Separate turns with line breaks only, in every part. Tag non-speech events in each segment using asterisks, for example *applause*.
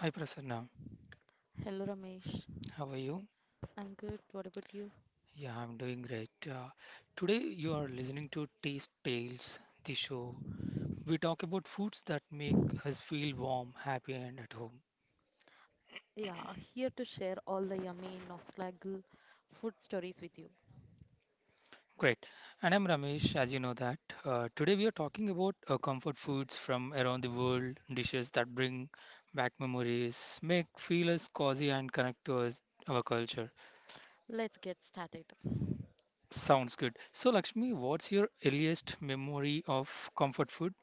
Hi Prasanna,
Hello Ramesh.
how are you?
I'm good. What about you?
Yeah, I'm doing great. Today you are listening to Taste Tales, the show. We talk about foods that make us feel warm, happy, and at home.
Yeah, here to share all the yummy nostalgic food stories with you.
Great. And I'm Ramesh, as you know that. Today we are talking about comfort foods from around the world, dishes that bring back memories, make feel us cozy, and connect to us, our culture.
Let's get started.
Sounds good. So, Lakshmi, what's your earliest memory of comfort food?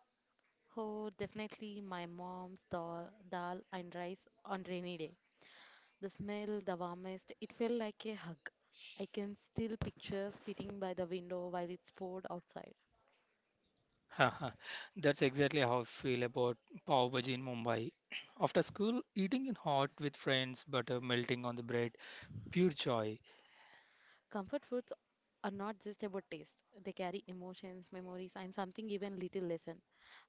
Oh, definitely my mom's dal and rice on rainy day. The smell, the warmest, it felt like a hug. I can still picture sitting by the window while it's poured outside.
Haha, that's exactly how I feel about pav bhaji in Mumbai. *clears throat* After school, eating in hot with friends, butter melting on the bread, pure joy.
Comfort foods are not just about taste. They carry emotions, memories, and something even little lesson.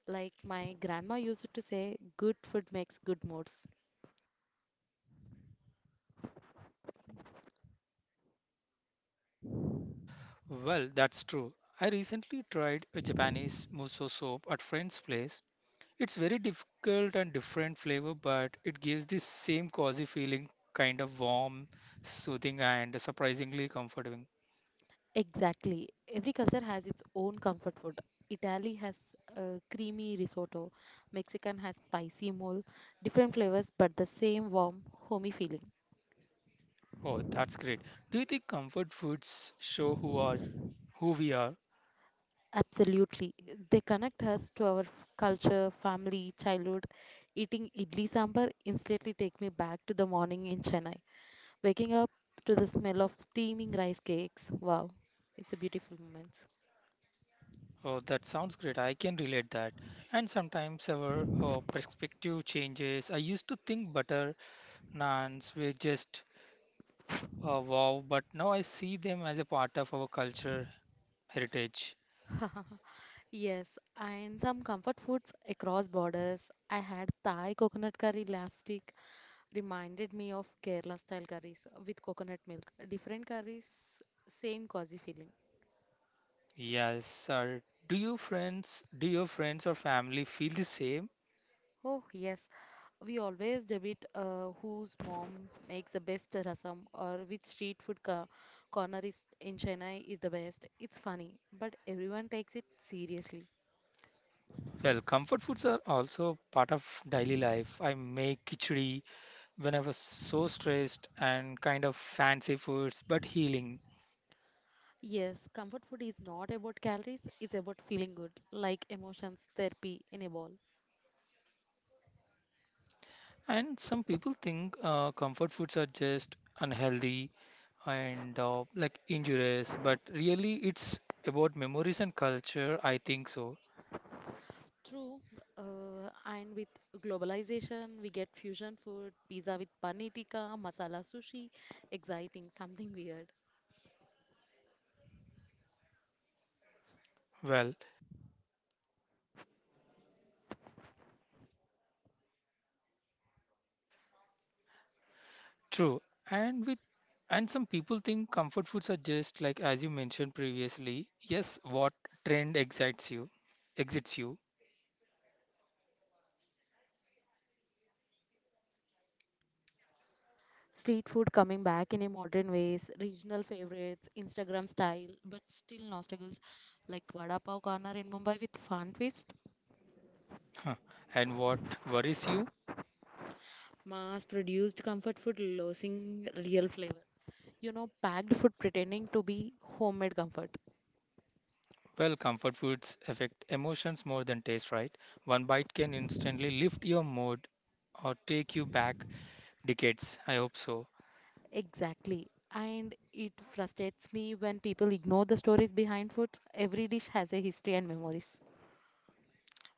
Like my grandma used to say, good food makes good moods.
Well, that's true. I recently tried a Japanese muso soup at friend's place. It's very difficult and different flavor, but it gives the same cozy feeling, kind of warm, soothing, and surprisingly comforting.
Exactly. Every culture has its own comfort food. Italy has creamy risotto. Mexican has spicy mole. Different flavors, but the same warm, homey feeling.
Oh, that's great. Do you think comfort foods show who we are?
Absolutely. They connect us to our culture, family, childhood. Eating idli sambar instantly take me back to the morning in Chennai. Waking up to the smell of steaming rice cakes. Wow, it's a beautiful moment.
Oh, that sounds great. I can relate that. And sometimes our perspective changes. I used to think butter naans were just wow, but now I see them as a part of our culture heritage.
*laughs* Yes, and some comfort foods across borders. I had Thai coconut curry last week, reminded me of Kerala style curries with coconut milk. Different curries, same cozy feeling.
Yes, sir. Do your friends or family feel the same?
Oh, yes, we always debate whose mom makes the best rasam or which street food corner is in Chennai is the best. It's funny, but everyone takes it seriously.
Well, comfort foods are also part of daily life. I make khichdi when I was so stressed and kind of fancy foods, but healing.
Yes, comfort food is not about calories, it's about feeling good, like emotions, therapy in a bowl.
And some people think comfort foods are just unhealthy and like injurious, but really it's about memories and culture. I think so.
True, and with globalization, we get fusion food, pizza with paneer tikka, masala sushi, exciting, something weird.
Well, true. And with and some people think comfort foods are just like as you mentioned previously. Yes, what trend excites you, exits you,
Street food coming back in a modern ways, regional favorites, Instagram style, but still nostalgic, like vada pav corner in Mumbai with fan twist.
huh, and what worries you.
Mass produced comfort food losing real flavor. Packed food pretending to be homemade comfort.
Well, comfort foods affect emotions more than taste, right? One bite can instantly lift your mood or take you back decades, I hope so.
Exactly. And it frustrates me when people ignore the stories behind foods. Every dish has a history and memories.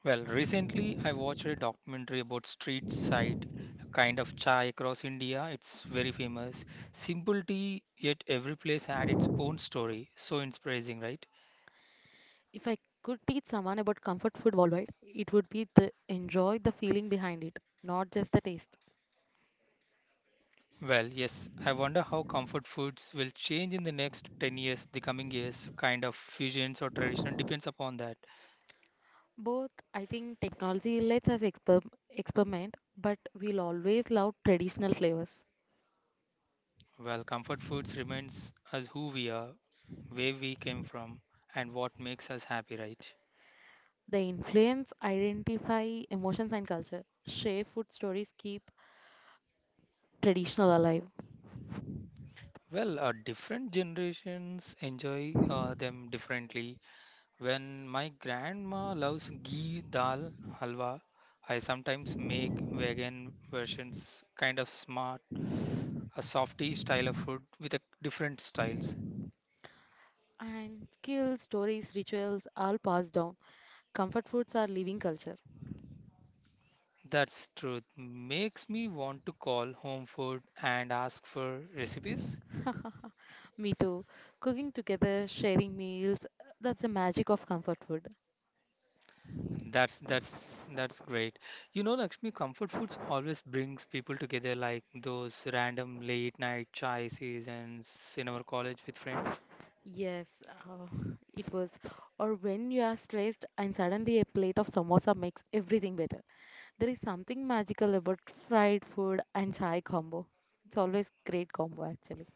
Well, recently I watched a documentary about street side, kind of chai across India. It's very famous. Simple tea, yet every place had its own story. So inspiring, right?
If I could teach someone about comfort food worldwide, it would be the enjoy the feeling behind it, not just the taste.
Well, yes, I wonder how comfort foods will change in the next 10 years, the coming years. So kind of fusions or traditional depends upon that.
Both, I think technology lets us experiment, but we'll always love traditional flavors.
Well, comfort foods remains us who we are, where we came from, and what makes us happy, right?
They influence, identify emotions and culture. Share food stories keep traditional alive.
Well, different generations enjoy them differently. When my grandma loves ghee dal halwa, I sometimes make vegan versions, kind of smart, a softy style of food with a different styles.
And skills, stories, rituals all passed down. Comfort foods are living culture.
That's truth. Makes me want to call home food and ask for recipes.
*laughs* Me too. Cooking together, sharing meals, that's the magic of comfort food.
That's great. You know, Lakshmi, comfort foods always brings people together, like those random late night chai sessions in our college with friends.
Yes, it was. Or when you are stressed and suddenly a plate of samosa makes everything better. There is something magical about fried food and chai combo. It's always great combo actually.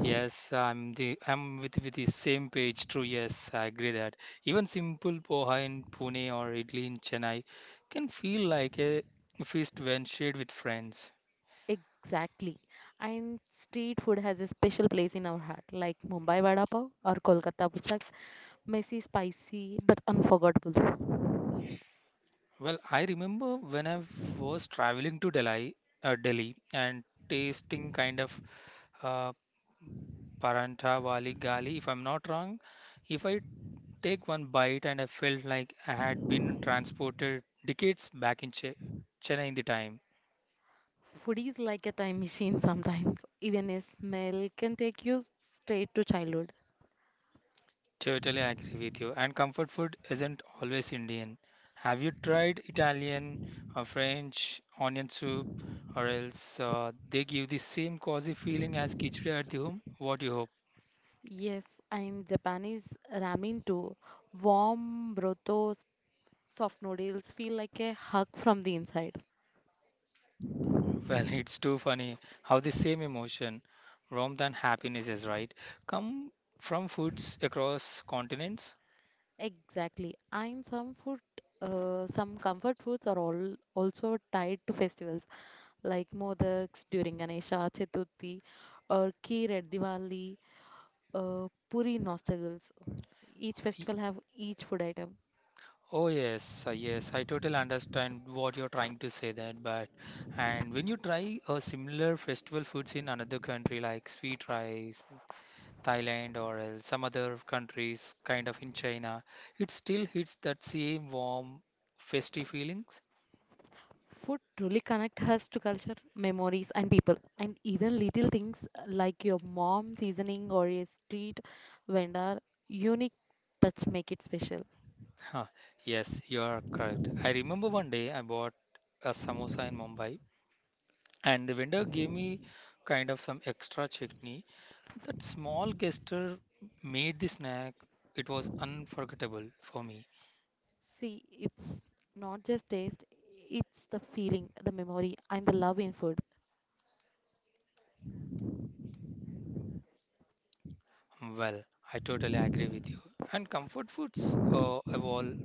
Yes, I'm with the same page. True, yes, I agree that even simple poha in Pune or idli in Chennai can feel like a feast when shared with friends.
Exactly. And street food has a special place in our heart, like Mumbai Vada Pav or Kolkata Puchak. Messy, spicy, but unforgettable.
Well, I remember when I was traveling to Delhi, and tasting uh, Paranta Wali Gali, if I'm not wrong. If I take one bite and I felt like I had been transported decades back in Chennai in the time.
Food is like a time machine sometimes. Even a smell can take you straight to childhood.
Totally agree with you. And comfort food isn't always Indian. Have you tried Italian or French onion soup, or else they give the same cozy feeling as khichdi at the home? What do you hope?
Yes, and Japanese ramen too. Warm brothos, soft noodles feel like a hug from the inside.
Well, *laughs* it's too funny how the same emotion, warmth and happiness is right, come from foods across continents.
Exactly. And some comfort foods are all also tied to festivals, like Modaks during Ganesha Chaturthi or Kheer at Diwali, Puri nostals. Each
Y-
festival have each food item.
Oh yes, yes, I totally understand what you're trying to say that, but and when you try a similar festival foods in another country like sweet rice, Thailand or else some other countries kind of in China, it still hits that same warm, festive feelings.
Food truly connect us to culture, memories and people. And even little things like your mom seasoning or a street vendor unique touch make it special.
Huh, yes, you are correct. I remember one day I bought a samosa in Mumbai and the vendor gave me kind of some extra chutney. That small gesture made the snack. It was unforgettable for me.
See, it's not just taste, it's the feeling, the memory, and the love in food.
Well, I totally agree with you. And comfort foods evolve.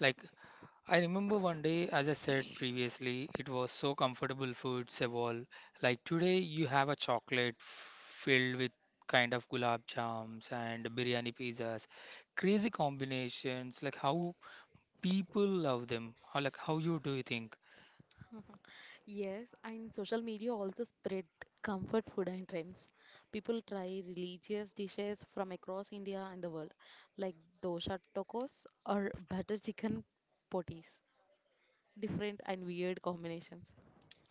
Like I remember one day, as I said previously, it was so comfortable food, Sebol. Like today, you have a chocolate filled with kind of gulab jams and biryani pizzas. Crazy combinations, like how people love them. How, like, how you do you think?
Yes, and social media also spread comfort food and trends. People try religious dishes from across India and the world, like dosha tacos or butter chicken potis, different and weird combinations.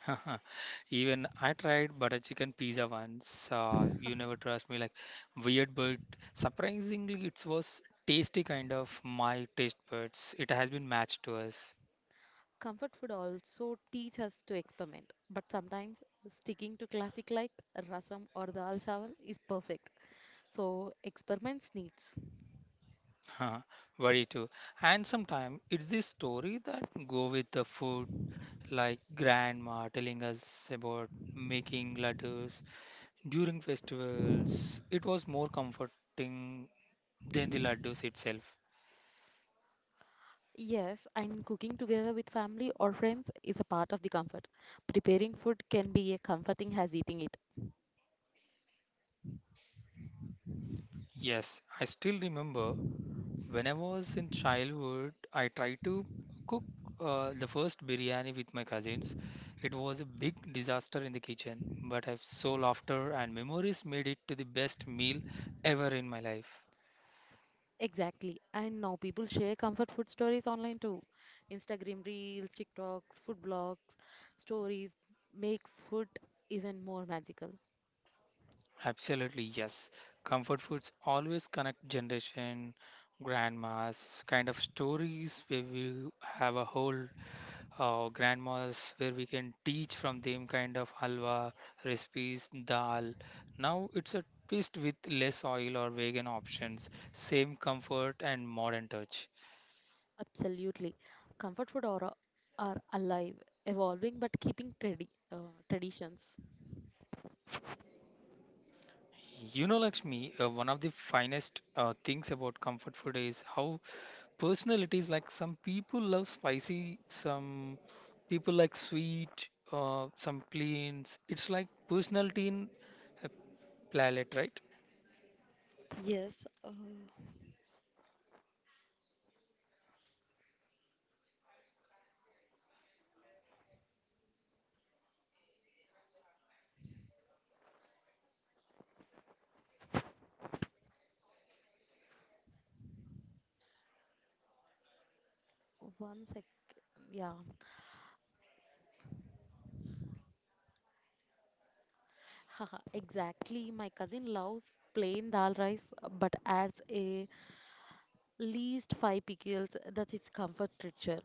*laughs* Even I tried butter chicken pizza once. You never trust me, like weird, but surprisingly, it was tasty kind of my taste buds. It has been matched to us.
Comfort food also teach us to experiment, but sometimes sticking to classic like rasam or dal chawal is perfect. So experiments needs.
Huh, very too. And sometimes it's the story that go with the food, like grandma telling us about making laddus during festivals. It was more comforting than the laddus itself.
Yes, and cooking together with family or friends is a part of the comfort. Preparing food can be as comforting as eating it.
Yes, I still remember when I was in childhood, I tried to cook the first biryani with my cousins. It was a big disaster in the kitchen, but I've so laughter and memories made it to the best meal ever in my life.
Exactly. And now people share comfort food stories online too. Instagram reels, TikToks, food blogs, stories make food even more magical.
Absolutely, yes. Comfort foods always connect generation, grandmas, kind of stories where we have a whole grandmas where we can teach from them kind of halwa, recipes, dal. Now it's a twist with less oil or vegan options, same comfort and modern touch.
Absolutely. Comfort food are alive, evolving but keeping traditions.
You know, Lakshmi, one of the finest things about comfort food is how personalities like some people love spicy, some people like sweet, some plains. It's like personality in a palette, right?
Yes. One second. Yeah. Haha, exactly. My cousin loves plain dal rice but adds a least five pickles. That's its comfort ritual.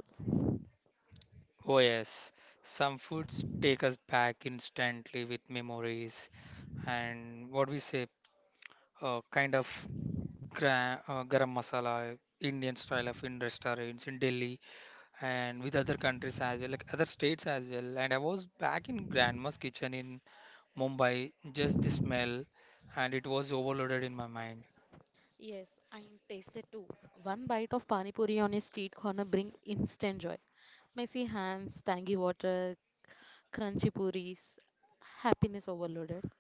Oh yes, some foods take us back instantly with memories and what we say, kind of gra garam masala, Indian style of in restaurants in Delhi and with other countries as well, like other states as well. And I was back in grandma's kitchen in Mumbai, just the smell, and it was overloaded in my mind.
Yes, and tasted too. One bite of pani puri on a street corner bring instant joy. Messy hands, tangy water, crunchy puris, happiness overloaded.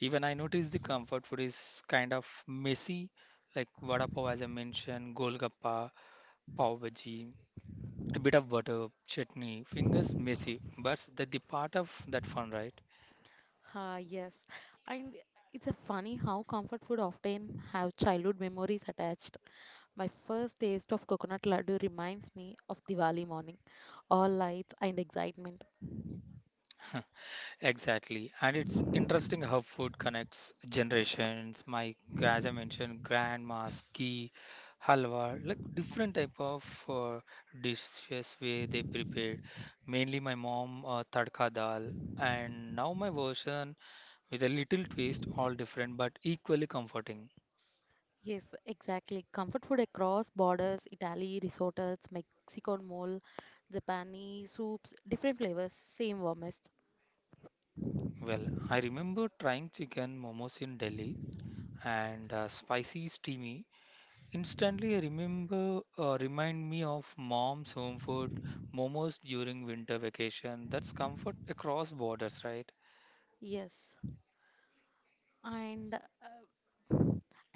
Even I noticed the comfort food is kind of messy, like vada pav as I mentioned, golgappa, pav bhaji, a bit of butter, chutney, fingers messy, but that the part of that fun, right? *laughs*
Ah, yes. And it's a funny how comfort food often have childhood memories attached. My first taste of coconut laddu reminds me of Diwali morning, all lights and excitement.
Exactly. And it's interesting how food connects generations. My, as I mentioned, grandma's ghee, halwa, like different type of dishes where they prepared. Mainly my mom, tadka dal. And now my version with a little twist, all different but equally comforting.
Yes, exactly. Comfort food across borders, Italy, risottos, Mexican mole, Japanese soups, different flavors, same warmest.
Well, I remember trying chicken momos in Delhi and spicy steamy. Instantly I remember remind me of mom's home food, momos during winter vacation. That's comfort across borders, right?
Yes. and uh,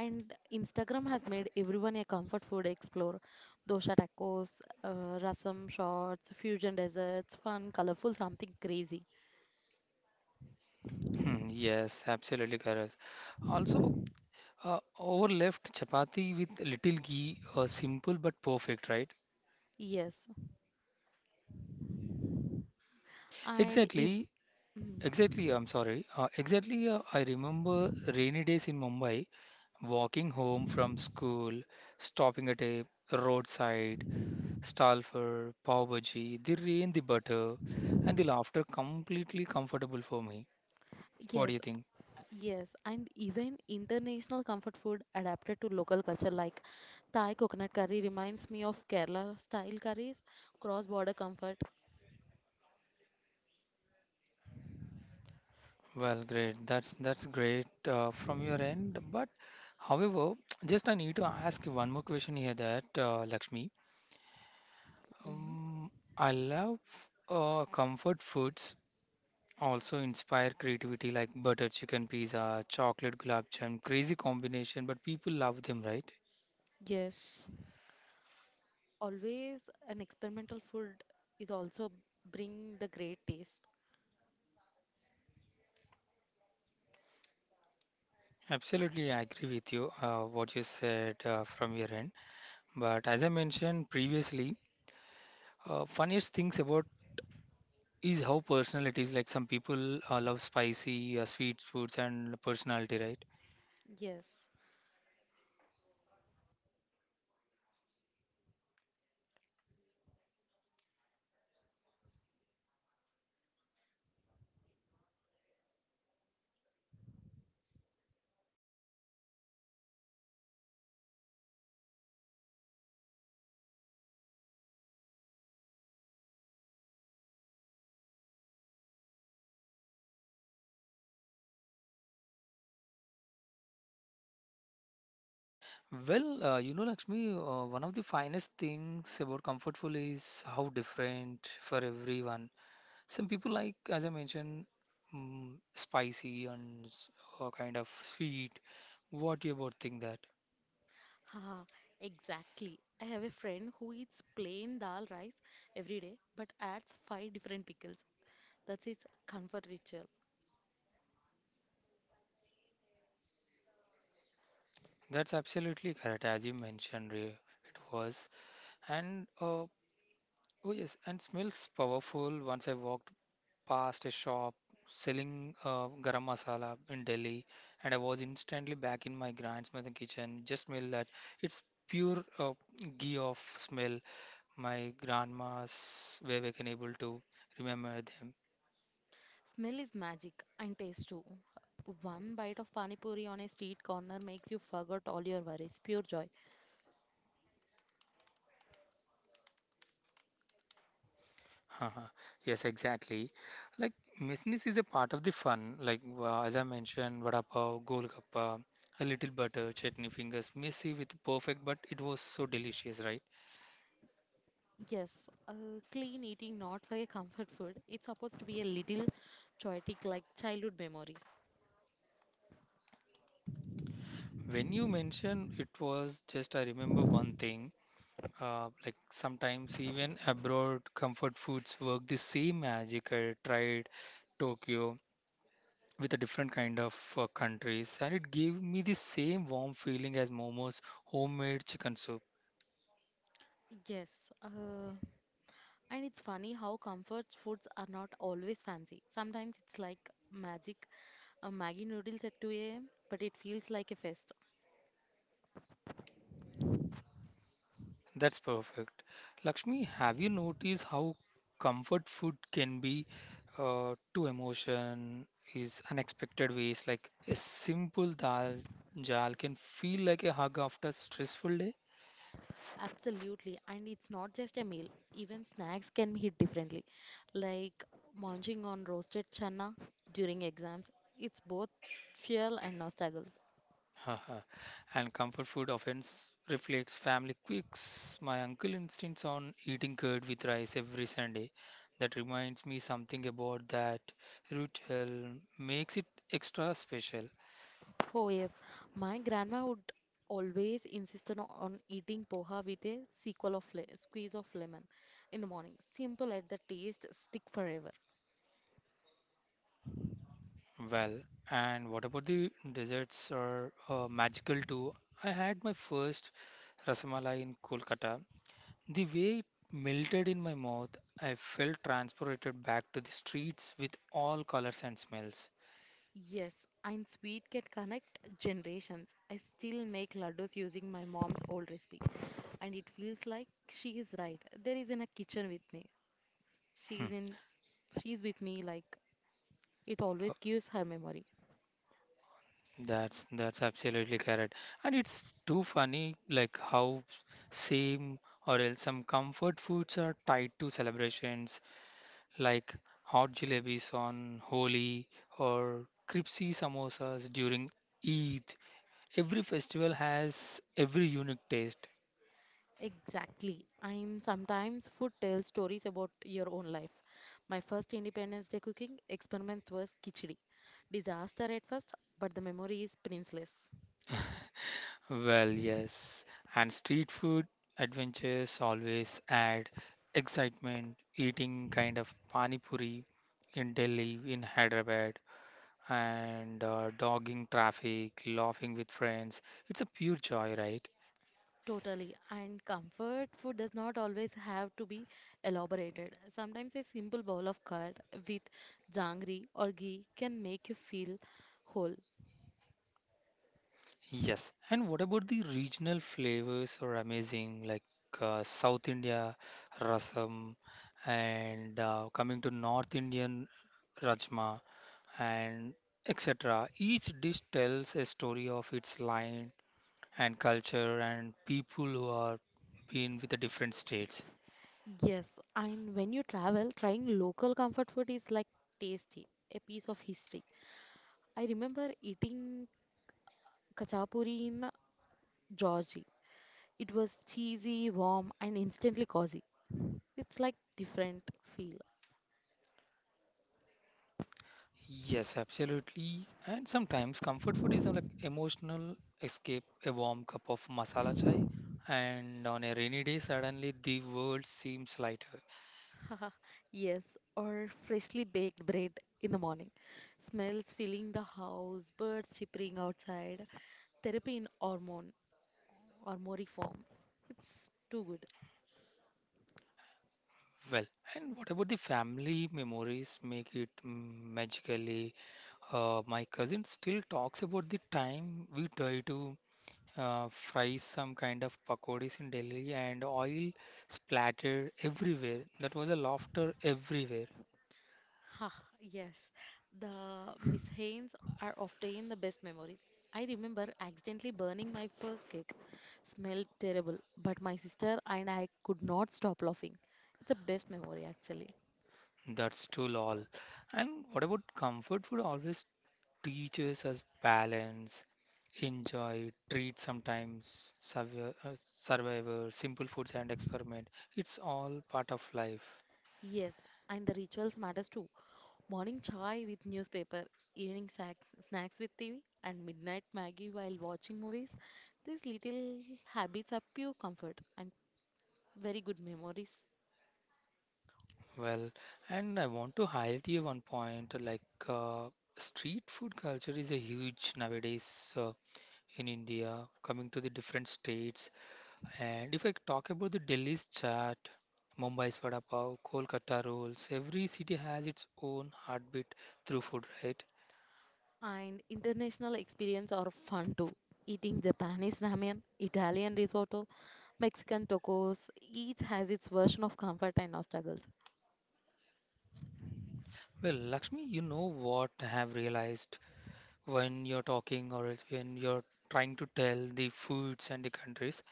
and Instagram has made everyone a comfort food explorer. Dosha tacos, rasam shots, fusion desserts, fun, colorful, something crazy.
Hmm, yes, absolutely correct. Also, overleft chapati with little ghee, simple but perfect, right?
Yes, and if
Exactly,
mm,
exactly. I'm sorry. Exactly, I remember rainy days in Mumbai, walking home from school, stopping at a roadside, Stalfer, pav bhaji, the rain, the butter, and the laughter completely comfortable for me. What
yes,
do you think?
yes, and even international comfort food adapted to local culture, like Thai coconut curry reminds me of Kerala style curries, cross border comfort.
Well, great. That's great from your end. But however, *tsk* just I need to ask you one more question here that Lakshmi.
Hmm.
Um, I love comfort foods also inspire creativity like butter chicken pizza, chocolate gulab jam, crazy combination, but people love them, right?
Yes. always an experimental food is also bring the great taste.
Absolutely, I agree with you what you said from your end. But as I mentioned previously, funniest things about is how personal it is. Like some people love spicy, sweet foods, and personality, right?
Yes.
Well, you know, Lakshmi, one of the finest things about comfort food is how different for everyone. Some people like, as I mentioned, mm, spicy and kind of sweet. What you about think that?
Haha, exactly. I have a friend who eats plain dal rice every day but adds five different pickles. That's his comfort ritual.
That's absolutely correct, as you mentioned, Ray. It was. And oh yes, and smells powerful. Once I walked past a shop selling garam masala in Delhi, and I was instantly back in my grandmother's kitchen. Just smell that. It's pure ghee of smell. My grandma's way we can able to remember them.
Smell is magic and taste too. One bite of pani puri on a street corner makes you forget all your worries. Pure joy.
*laughs* Haha. Yes, exactly. Like messiness is a part of the fun. Like as I mentioned, vada pav, golgappa, a little butter, chutney fingers, messy with perfect, but it was so delicious, right?
Yes, clean eating not for a comfort food. It's supposed to be a little chaotic like childhood memories.
When you mentioned it was just, I remember one thing, like sometimes even abroad, comfort foods work the same magic. I tried Tokyo with a different kind of countries, and it gave me the same warm feeling as Momo's homemade chicken soup.
Yes, and it's funny how comfort foods are not always fancy. Sometimes it's like magic, a Maggi noodles at 2 a.m., but it feels like a fest.
That's perfect. Lakshmi, have you noticed how comfort food can be to emotion is unexpected ways? Like a simple dal jal can feel like a hug after a stressful day.
Absolutely. And it's not just a meal, even snacks can be hit differently. Like munching on roasted chana during exams. It's both fuel and nostalgia.
*laughs* Haha. And comfort food often reflects family quirks. My uncle insists on eating curd with rice every Sunday. That reminds me something about that ritual, makes it extra special.
Oh, yes. My grandma would always insist on eating poha with a sequel of squeeze of lemon in the morning. Simple at the taste, stick forever.
Well, and what about the desserts are magical too? I had my first rasamalai in Kolkata. The way it melted in my mouth, I felt transported back to the streets with all colors and smells.
Yes, and sweet can connect generations. I still make laddus using my mom's old recipe, and it feels like she is right. There is in a kitchen with me. She's in. She's with me. Like it always gives her memory.
That's absolutely correct. And it's too funny like how same or else some comfort foods are tied to celebrations like hot jalebis on Holi or crispy samosas during Eid. Every festival has every unique taste.
Exactly. And sometimes food tells stories about your own life. My first Independence Day cooking experiments was khichdi. Disaster at first, but the memory is priceless.
Well, yes, and street food adventures always add excitement. Eating kind of pani puri in Delhi, in Hyderabad, and dogging traffic, laughing with friends. It's a pure joy, right?
Totally. And comfort food does not always have to be elaborated. Sometimes a simple bowl of curd with jangri or ghee can make you feel whole.
Yes. And what about the regional flavors are amazing, like South India rasam, and coming to North Indian rajma and etc. Each dish tells a story of its line and culture and people who are been with the different states.
Yes, and when you travel, trying local comfort food is like tasty, a piece of history. I remember eating kachapuri in Georgia. It was cheesy, warm, and instantly cozy. It's like different feel.
Yes, absolutely. And sometimes comfort food is like emotional escape, a warm cup of masala chai, and on a rainy day, suddenly the world seems lighter.
*laughs* Yes, or freshly baked bread in the morning. Smells filling the house, birds chirping outside, therapy in hormone or mori form. It's too good.
Well, and what about the family memories make it magically? My cousin still talks about the time we try to fries some kind of pakodis in Delhi and oil splattered everywhere. That was a laughter everywhere.
Ha, yes. The Miss Haynes are often the best memories. I remember accidentally burning my first cake. Smelled terrible, but my sister and I could not stop laughing. It's the best memory actually.
That's too lol. And what about comfort food always teaches us balance, enjoy, treat sometimes, survive, survivor, simple foods and experiment. It's all part of life.
Yes, and the rituals matters too. Morning chai with newspaper, evening snacks with TV, and midnight Maggie while watching movies. These little habits are pure comfort and very good memories.
Well, and I want to highlight here one point like uh, street food culture is a huge nowadays. In India, coming to the different states. And if I talk about the Delhi's chaat, Mumbai's vada pav, Kolkata rolls, every city has its own heartbeat through food, right?
And international experience are fun too. Eating Japanese ramen, Italian risotto, Mexican tacos, each has its version of comfort and struggles.
Well, Lakshmi, you know what I have realized when you're talking or else when you're trying to tell the foods and the countries.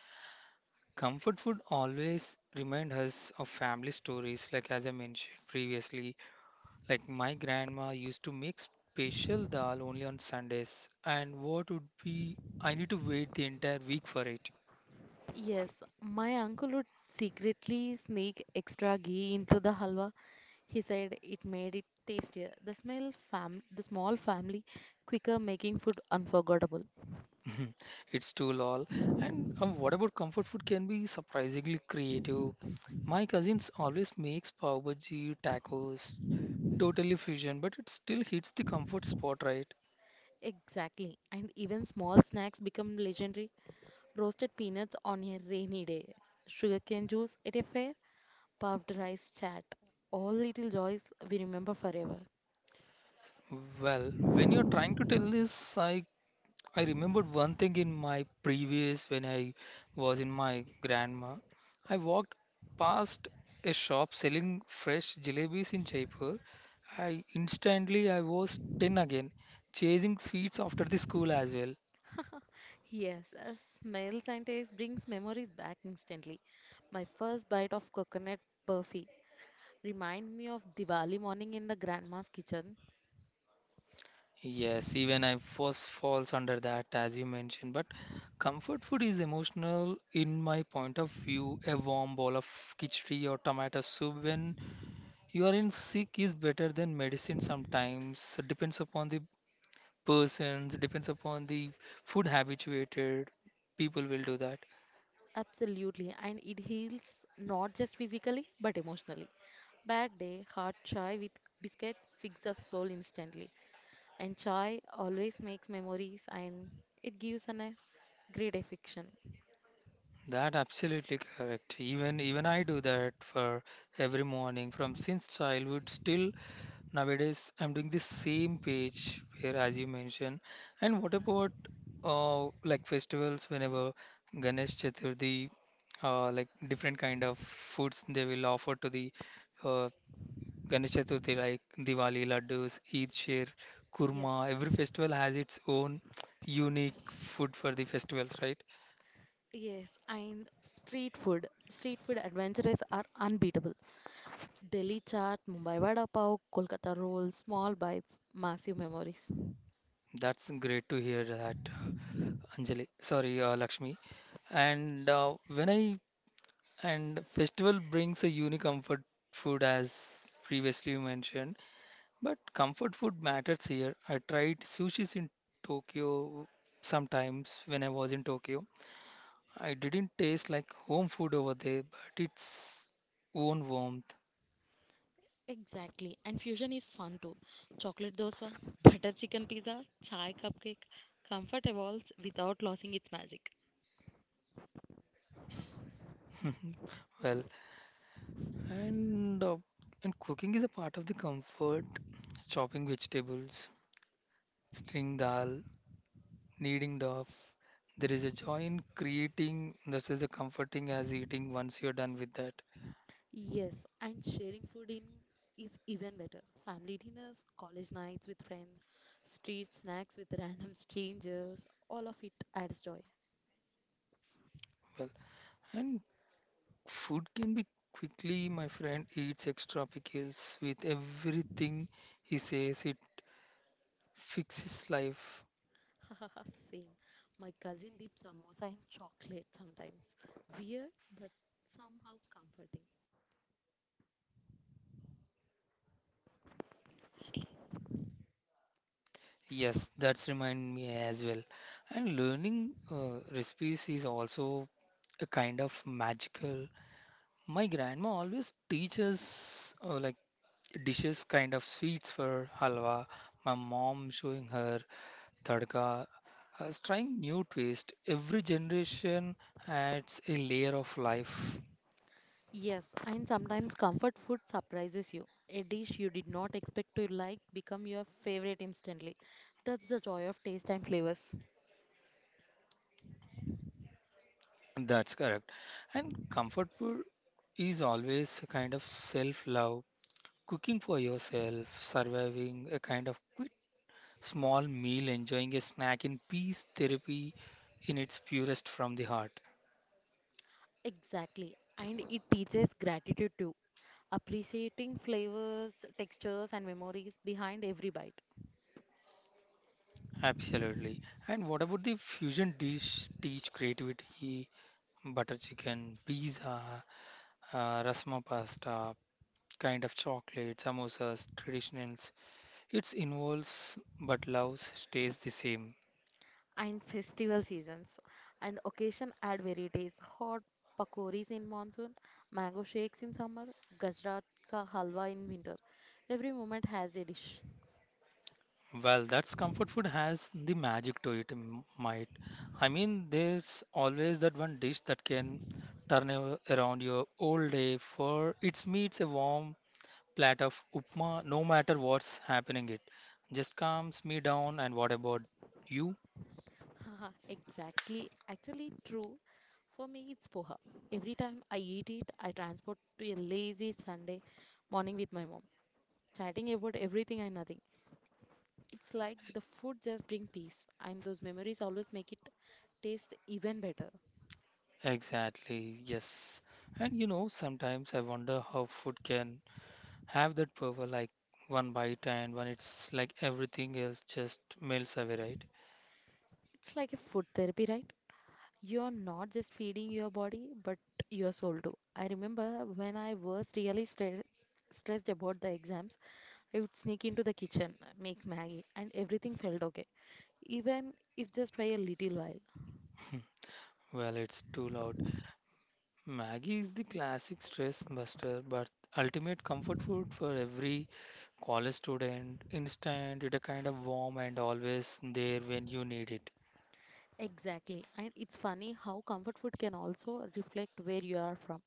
Comfort food always remind us of family stories, like as I mentioned previously, like my grandma used to make special dal only on Sundays, and what would be I need to wait the entire week for it.
Yes, my uncle would secretly sneak extra ghee into the halwa. He said it made it tastier. The smell fam the small family quicker making food unforgettable.
*laughs* It's too lol. And what about comfort food can be surprisingly creative. My cousins always makes pav bhaji, tacos, totally fusion, but it still hits the comfort spot, right?
Exactly. And even small snacks become legendary. Roasted peanuts on a rainy day, sugarcane juice at a fair, puffed rice chat. All little joys we remember forever.
Well, when you're trying to tell this, I remembered one thing in my previous when I was in my grandma. I walked past a shop selling fresh jalebis in Jaipur. I instantly I was 10 again, chasing sweets after the school as well.
Yes, smells and taste brings memories back instantly. My first bite of coconut burfi remind me of Diwali morning in the grandma's kitchen.
Yes, even I was falls under that as you mentioned, but comfort food is emotional in my point of view. A warm bowl of khichdi or tomato soup when you are in sick is better than medicine sometimes. Depends upon the persons, depends upon the food habituated, people will do that.
Absolutely, and it heals not just physically but emotionally. Bad day, hot chai with biscuit fixes the soul instantly, and chai always makes memories and it gives an a great affection.
That absolutely correct. Even I do that for every morning from since childhood. Still nowadays, I'm doing the same page here as you mentioned. And what about like festivals? Whenever Ganesh Chaturthi, like different kind of foods they will offer to the uh, Ganesh Chaturthi, like Diwali, laddus, Eid Shir,
Yes.
kurma. Every festival has its own unique food for the festivals, right?
Yes, and street food. Street food adventures are unbeatable. Delhi chaat, Mumbai vada pav, Kolkata rolls, small bites, massive memories.
That's great to hear that, uh, Anjali. Sorry, Lakshmi. And when I and festival brings a unique comfort food as previously you mentioned, but comfort food matters here. I tried sushis in Tokyo sometimes when I was in Tokyo. I didn't taste like home food over there, but its own warmth.
Exactly. And fusion is fun too. Chocolate dosa, *laughs* butter chicken pizza, chai cupcake, comfort evolves without losing its magic.
Well, and uh, and cooking is a part of the comfort. Chopping vegetables, string dal, kneading dough. There is a joy in creating. This is a comforting as eating once you're done with that.
Yes, and sharing food in is even better. Family dinners, college nights with friends, street snacks with *laughs* random strangers, all of it adds joy.
Well, and food can be quickly. My friend eats extra pickles with everything he says. It fixes life.
*laughs* Same. My cousin dips samosa in chocolate sometimes. Weird, but somehow comforting.
Yes, that's remind me as well. And learning recipes is also a kind of magical. My grandma always teaches like dishes, kind of sweets for halwa. My mom showing her tadka, trying new twist. Every generation adds a layer of life.
Yes, and sometimes comfort food surprises you. A dish you did not expect to like become your favorite instantly. That's the joy of taste and flavors.
That's correct. And comfort food is always a kind of self-love, cooking for yourself, surviving a kind of quit small meal, enjoying a snack in peace, therapy in its purest from the heart.
Exactly. And it teaches gratitude too. Appreciating flavors, textures and memories behind every bite.
Absolutely. And what about the fusion dish teach creativity? Butter chicken, pizza, rasma pasta, kind of chocolate, samosas, traditionals. It involves but love stays the same.
And festival seasons and occasion add varieties. Hot pakoris in monsoon, mango shakes in summer, Gujarat ka halwa in winter. Every moment has a dish.
Well, that's comfort food has the magic to it, might. I mean, there's always that one dish that can turn around your whole day for its meets a warm plate of upma, no matter what's happening it. Just calms me down and what about you?
Haha, exactly. Actually, true. For me, it's poha. Every time I eat it, I transport to a lazy Sunday morning with my mom, chatting about everything and nothing. It's like the food just brings peace, and those memories always make it taste even better.
Exactly, yes. And you know, sometimes I wonder how food can have that power like one bite and when it's like everything else just melts away, right?
It's like a food therapy, right? You're not just feeding your body, but your soul too. I remember when I was really stressed about the exams, I would sneak into the kitchen, make Maggie, and everything felt okay, even if just by a little while.
Well, it's too loud. Maggie is the classic stress buster, but ultimate comfort food for every college student. Instant, it a kind of warm and always there when you need it.
Exactly. And it's funny how comfort food can also reflect where you are from.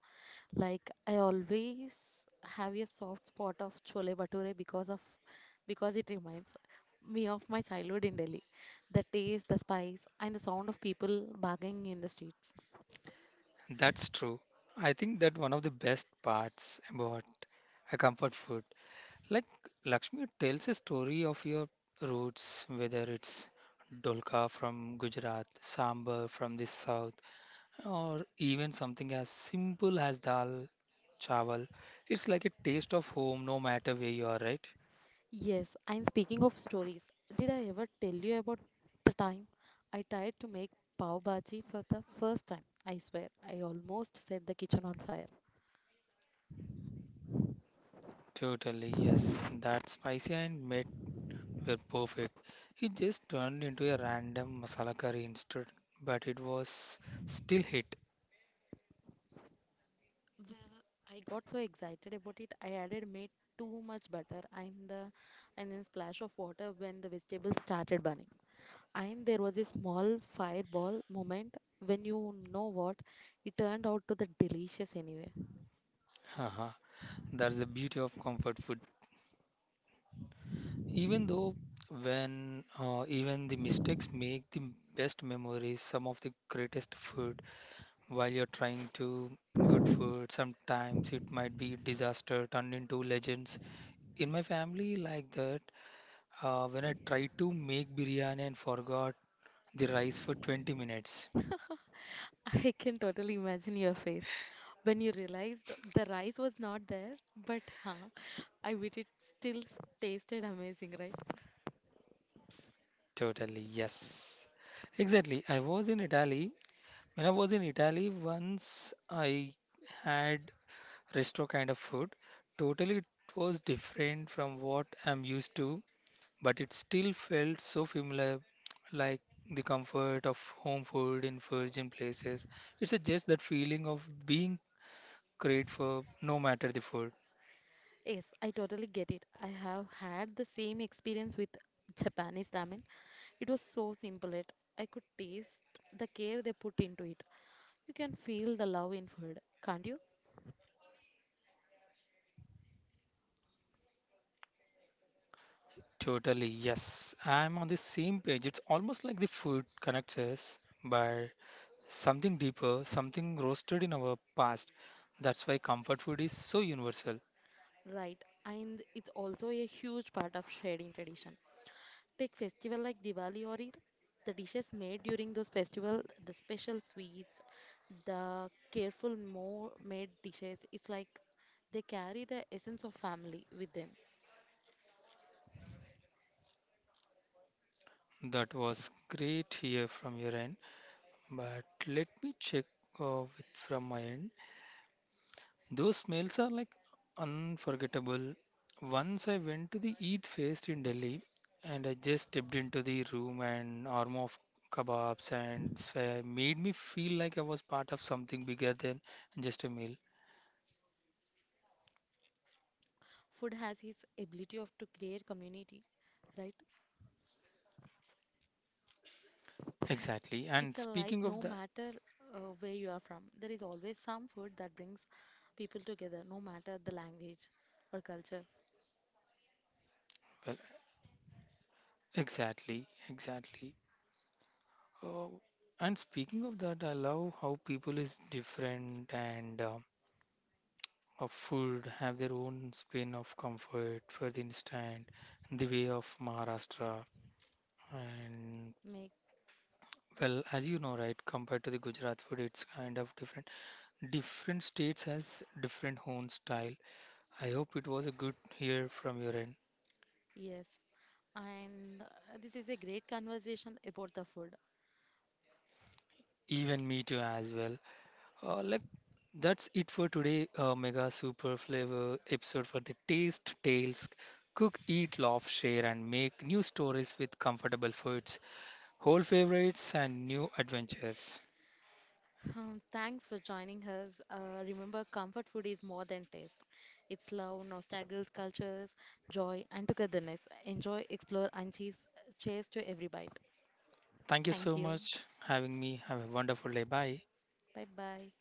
Like I always have a soft spot of chole bhature because it reminds me of my childhood in Delhi. The taste, the spice, and the sound of people bargaining in the streets.
That's true. I think that one of the best parts about a comfort food, like Lakshmi tells a story of your roots, whether it's dolka from Gujarat, sambar from the south, or even something as simple as dal chawal. It's like a taste of home no matter where you are, right?
Yes, and speaking of stories, did I ever tell you about the time I tried to make pav bhaji for the first time? I swear, I almost set the kitchen on fire.
Totally, yes. That spicy and meat were perfect. It just turned into a random masala curry instead, but it was still hit.
Well, I got so excited about it. I added made too much butter, and then splash of water when the vegetables started burning. And there was a small fireball moment when you know what, it turned out to the delicious anyway.
Haha, that's the beauty of comfort food. Even though when even the mistakes make the best memories, some of the greatest food while you're trying to good food sometimes it might be disaster turned into legends in my family like that when I tried to make biryani and forgot the rice for 20 minutes.
*laughs* I can totally imagine your face when you realized the rice was not there, but I bet it still tasted amazing, right?
Totally, yes. Exactly, I was in italy once I had resto kind of food. Totally it was different from what I'm used to, but it still felt so familiar, like the comfort of home food in virgin places. It's a just that feeling of being great for no matter the food.
Yes, I totally get it. I have had the same experience with Japanese ramen. It was so simple it. I could taste the care they put into it. You can feel the love in food, can't you?
Totally, yes. I'm on the same page. It's almost like the food connects us by something deeper, something roasted in our past. That's why comfort food is so universal.
Right, and it's also a huge part of sharing tradition. Take festival like Diwali or Eid. The dishes made during those festival, the special sweets, the careful more made dishes, it's like they carry the essence of family with them.
That was great here from your end, but let me check with- from my end. Those meals are like unforgettable. Once I went to the Eid fest in Delhi and I just stepped into the room and aroma of kebabs and sphere made me feel like I was part of something bigger than just a meal.
Food has his ability of to create community, right?
Exactly.
It's
And
a like
speaking of
no
that,
matter where you are from, there is always some food that brings people together no matter the language or culture.
well, exactly, exactly. Oh, and speaking of that, I love how people is different and of food have their own spin of comfort. For the instant, the way of Maharashtra and
Make.
well, as you know, right, compared to the Gujarat food, it's kind of different. Different states has different own style. I hope it was a good hear from your end.
Yes, and this is a great conversation about the food.
Even me too as well. Like that's it for today. Mega super flavor episode for the taste tales. Cook, eat, love, share, and make new stories with comfortable foods, whole favorites, and new adventures.
Um, thanks for joining us. Uh, remember comfort food is more than taste. It's love, nostalgia, cultures, joy and togetherness. Enjoy, explore, and cheers. Cheers to every bite.
Thank you
Thank
so
you.
much having me. Have a wonderful day. Bye.
Bye bye.